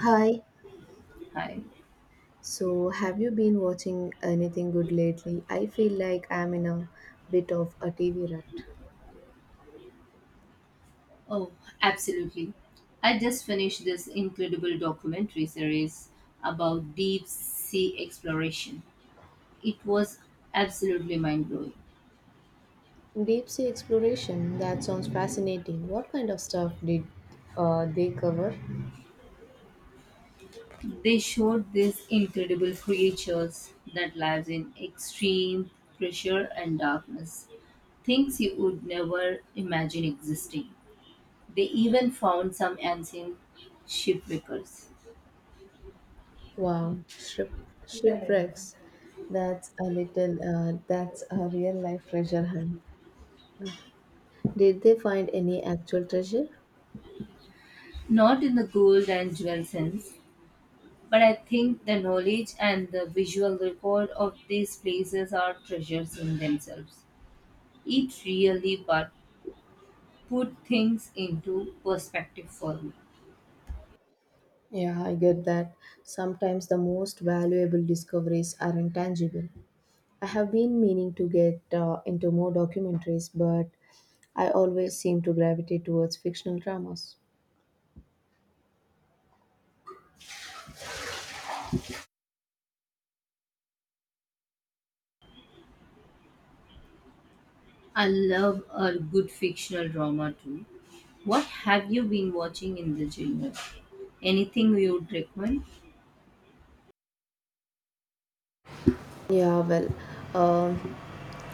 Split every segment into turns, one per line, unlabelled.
Hi.
Hi.
So, have you been watching anything good lately? I feel like I'm in a bit of a TV rut.
Oh, absolutely. I just finished this incredible documentary series about deep sea exploration. It was absolutely mind blowing.
Deep sea exploration. That sounds fascinating. What kind of stuff did they cover?
They showed these incredible creatures that lives in extreme pressure and darkness, things you would never imagine existing. They even found some ancient shipwreckers.
Wow, shipwrecks. That's a little. That's a real life treasure hunt. Did they find any actual treasure?
Not in the gold and jewel sense, but I think the knowledge and the visual record of these places are treasures in themselves. It really but put things into perspective for me.
Yeah, I get that. Sometimes the most valuable discoveries are intangible. I have been meaning to get into more documentaries, but I always seem to gravitate towards fictional dramas.
I love a good fictional drama too. What have you been watching in the genre? Anything you would recommend?
Yeah, well, um,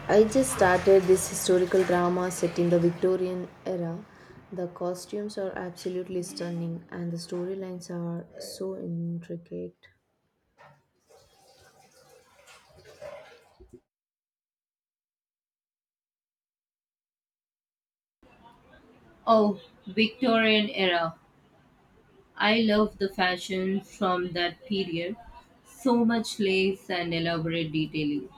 I just started this historical drama set in the Victorian era. The costumes are absolutely stunning, and the storylines are so intricate.
Oh, Victorian era. I love the fashion from that period. So much lace and elaborate detailing.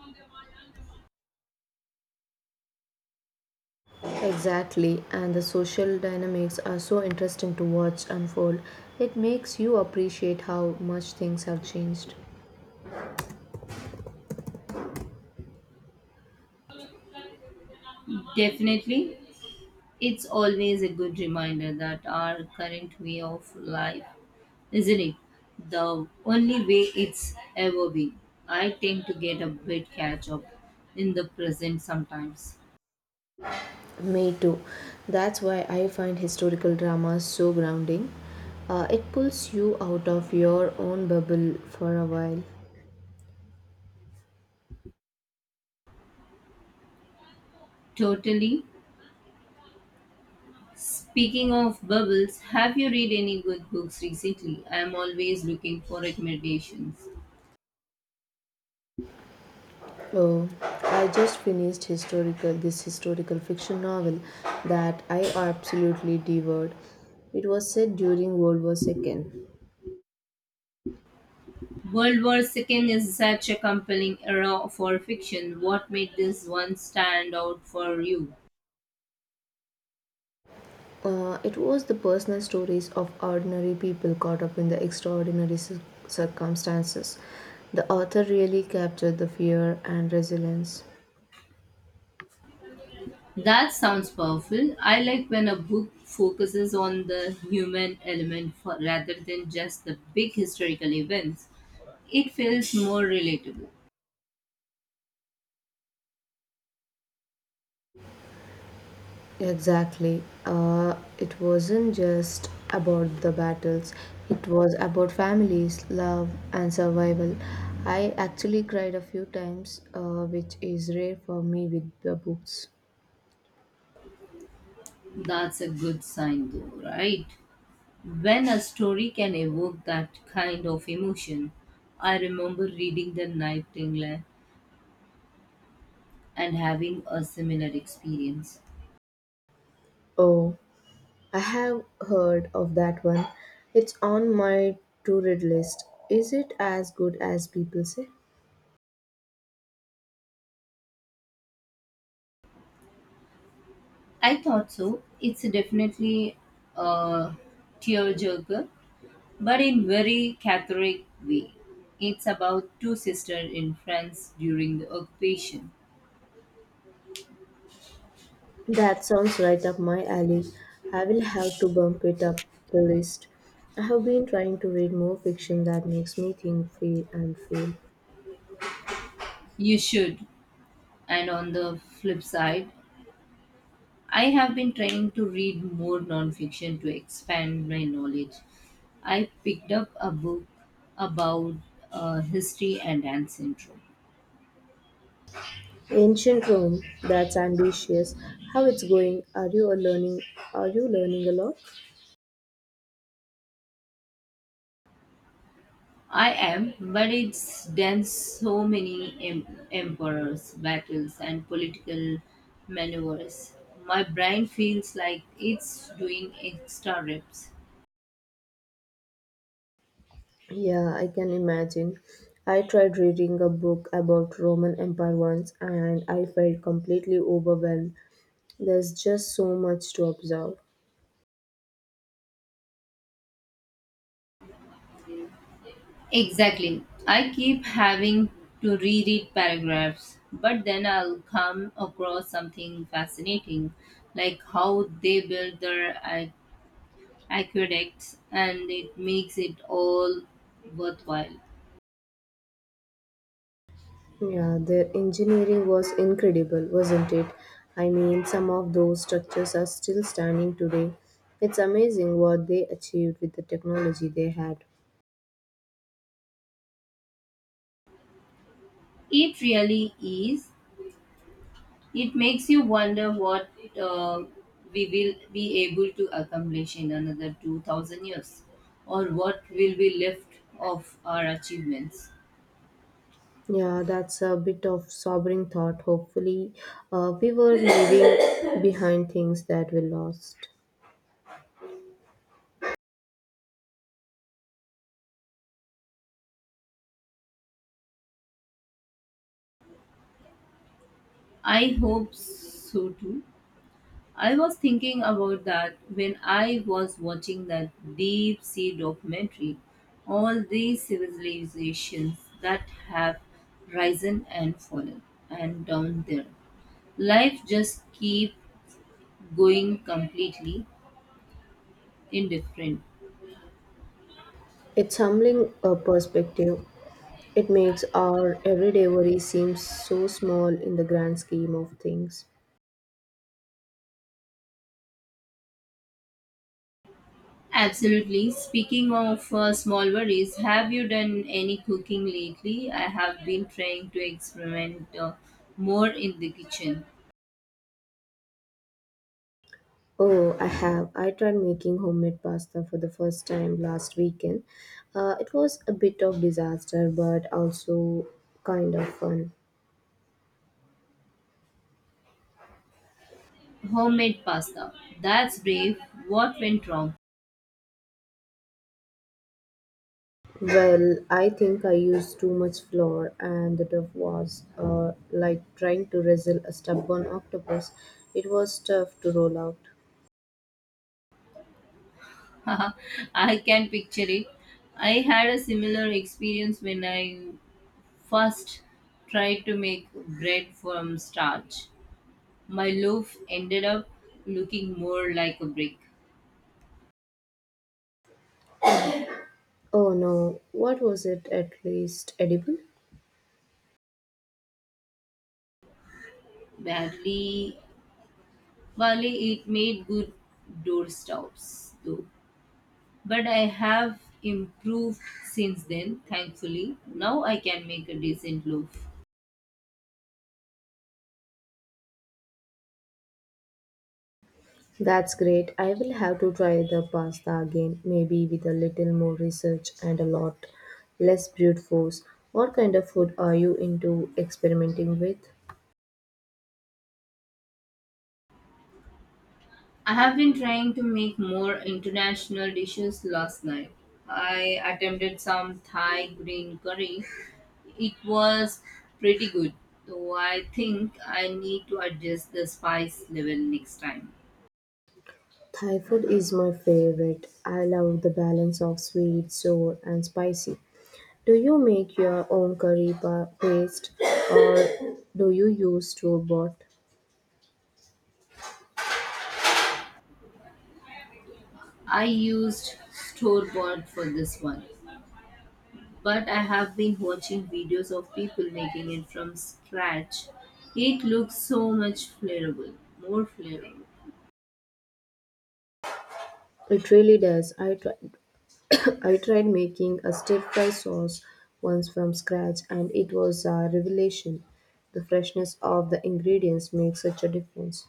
Exactly, and the social dynamics are so interesting to watch unfold. It makes you appreciate how much things have changed.
Definitely. It's always a good reminder that our current way of life isn't it the only way it's ever been. I tend to get a bit catch up in the present sometimes.
Me too. That's why I find historical dramas so grounding. It pulls you out of your own bubble for a while.
Totally. Speaking of bubbles, have you read any good books recently? I am always looking for recommendations.
Oh, I just finished historical this historical fiction novel that I absolutely devoured. It was set during World War II.
World War II is such a compelling era for fiction. What made this one stand out for you?
It was the personal stories of ordinary people caught up in the extraordinary circumstances. The author really captured the fear and resilience.
That sounds powerful. I like when a book focuses on the human element for, rather than just the big historical events. It feels more relatable.
Exactly. It wasn't just about the battles, it was about families, love, and survival. I actually cried a few times, which is rare for me with the books.
That's a good sign, though, right? When a story can evoke that kind of emotion, I remember reading The Nightingale and having a similar experience.
Oh, I have heard of that one. It's on my to read list. Is it as good as people say?
I thought so. It's definitely a tearjerker, but in very Catholic way. It's about two sisters in France during the occupation.
That sounds right up my alley. I will have to bump it up the list. I have been trying to read more fiction that makes me think, feel.
You should. And on the flip side, I have been trying to read more nonfiction to expand my knowledge. I picked up a book about history and Down syndrome.
Ancient Rome, that's ambitious. How it's going? Are you a learning? Are you learning a lot?
I am, but it's done so many emperors, battles, and political maneuvers. My brain feels like it's doing extra reps.
Yeah, I can imagine. I tried reading a book about Roman Empire once and I felt completely overwhelmed. There's just so much to observe.
Exactly. I keep having to reread paragraphs, but then I'll come across something fascinating, like how they build their aqueducts, and it makes it all worthwhile.
Yeah, their engineering was incredible, wasn't it? I mean, some of those structures are still standing today. It's amazing what they achieved with the technology they had.
It really is. It makes you wonder what uh, we will be able to accomplish in another 2000 years or what will be left of our achievements.
Yeah, that's a bit of sobering thought. Hopefully, we were leaving behind things that we lost.
I hope so too. I was thinking about that when I was watching that deep sea documentary. All these civilizations that have risen and fallen and down there life just keep going completely indifferent.
It's humbling a perspective. It makes our everyday worry seem so small in the grand scheme of things.
Absolutely. Speaking of small worries, have you done any cooking lately? I have been trying to experiment more in the kitchen.
Oh, I have. I tried making homemade pasta for the first time last weekend. It was a bit of disaster, but also kind of fun.
Homemade pasta. That's brave. What went wrong?
Well, I think I used too much flour, and the dough was like trying to wrestle a stubborn octopus. It was tough to roll out.
I can picture it. I had a similar experience when I first tried to make bread from starch. My loaf ended up looking more like a brick,
Oh no, what was it at least edible?
barely. While it made good doorstops, though. But I have improved since then, thankfully. Now I can make a decent loaf.
That's great. I will have to try the pasta again, maybe with a little more research and a lot less brute force. What kind of food are you into experimenting with?
I have been trying to make more international dishes last night. I attempted some Thai green curry. It was pretty good, though I think I need to adjust the spice level next time.
Thai food is my favorite. I love the balance of sweet, sour, and spicy. Do you make your own curry paste or do you use store bought?
I used store bought for this one. But I have been watching videos of people making it from scratch. It looks so much flavorful, more flavorful.
It really does. I tried making a stir fry sauce once from scratch and it was a revelation. The freshness of the ingredients makes such a difference.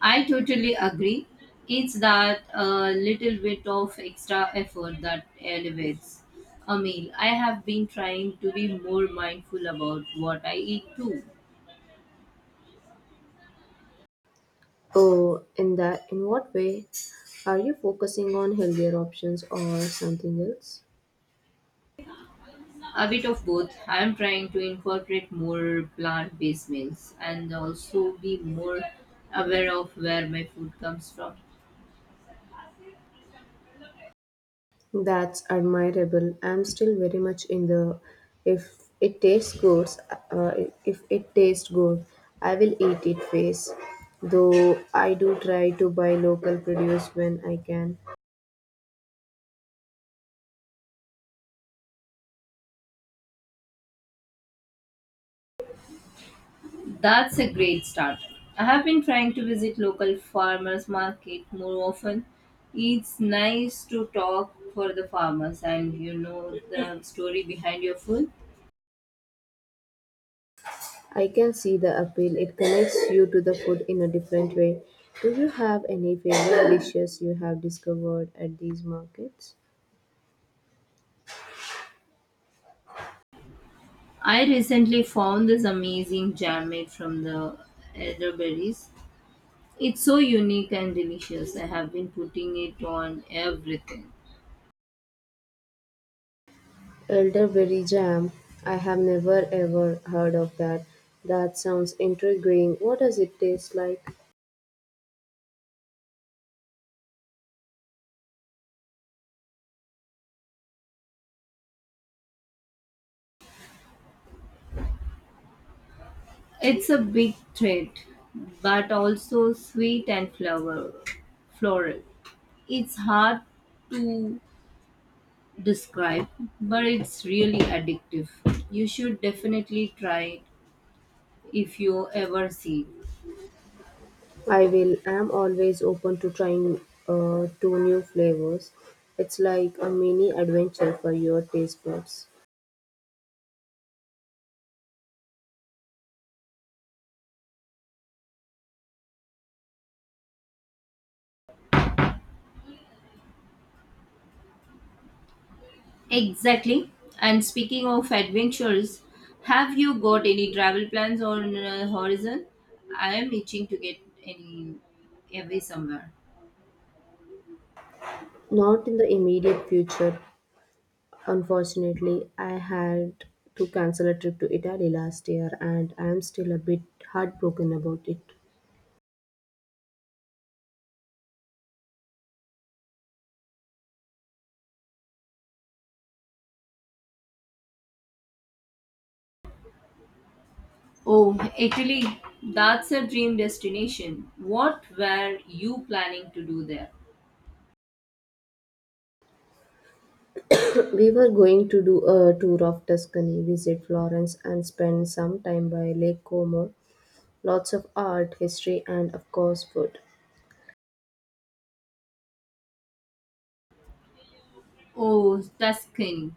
I totally agree. It's that little bit of extra effort that elevates a meal. I have been trying to be more mindful about what I eat too.
Oh, in what way? Are you focusing on healthier options or something else?
A bit of both. I am trying to incorporate more plant based meals and also be more aware of where my food comes from.
That's admirable. I'm still very much in the if it tastes good, uh, if it tastes good, I will eat it phase. Though I do try to buy local produce when I can.
That's a great start. I have been trying to visit local farmers market more often. It's nice to talk for the farmers and you know the story behind your food.
I can see the appeal. It connects you to the food in a different way. Do you have any favorite dishes you have discovered at these markets?
I recently found this amazing jam made from the elderberries. It's so unique and delicious. I have been putting it on everything.
Elderberry jam. I have never ever heard of that. That sounds intriguing. What does it taste like?
It's a big treat, but also sweet and floral. It's hard to describe, but it's really addictive. You should definitely try it if you ever see.
I will am always open to trying two new flavors. It's like a mini adventure for your taste buds.
It. Exactly. And speaking of adventures, have you got any travel plans on horizon? I am itching to get any away somewhere.
Not in the immediate future, unfortunately, I had to cancel a trip to Italy last year and I am still a bit heartbroken about it.
Oh, Italy. That's a dream destination. What were you planning to do there?
We were going to do a tour of Tuscany, visit Florence, and spend some time by Lake Como. Lots of art, history, and of course, food.
Oh, Tuscany.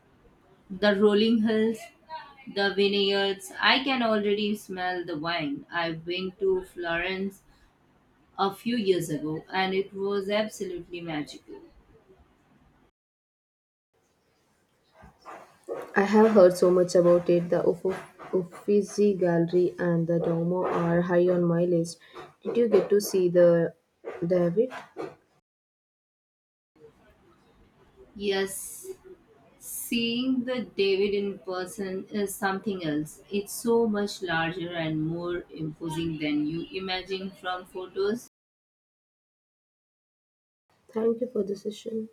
The rolling hills, the vineyards, I can already smell the wine. I went to Florence a few years ago and it was absolutely magical.
I have heard so much about it. The Uffizi Gallery and the Duomo are high on my list. Did you get to see the David?
Yes, seeing the David in person is something else. It's so much larger and more imposing than you imagine from photos.
Thank you for the session.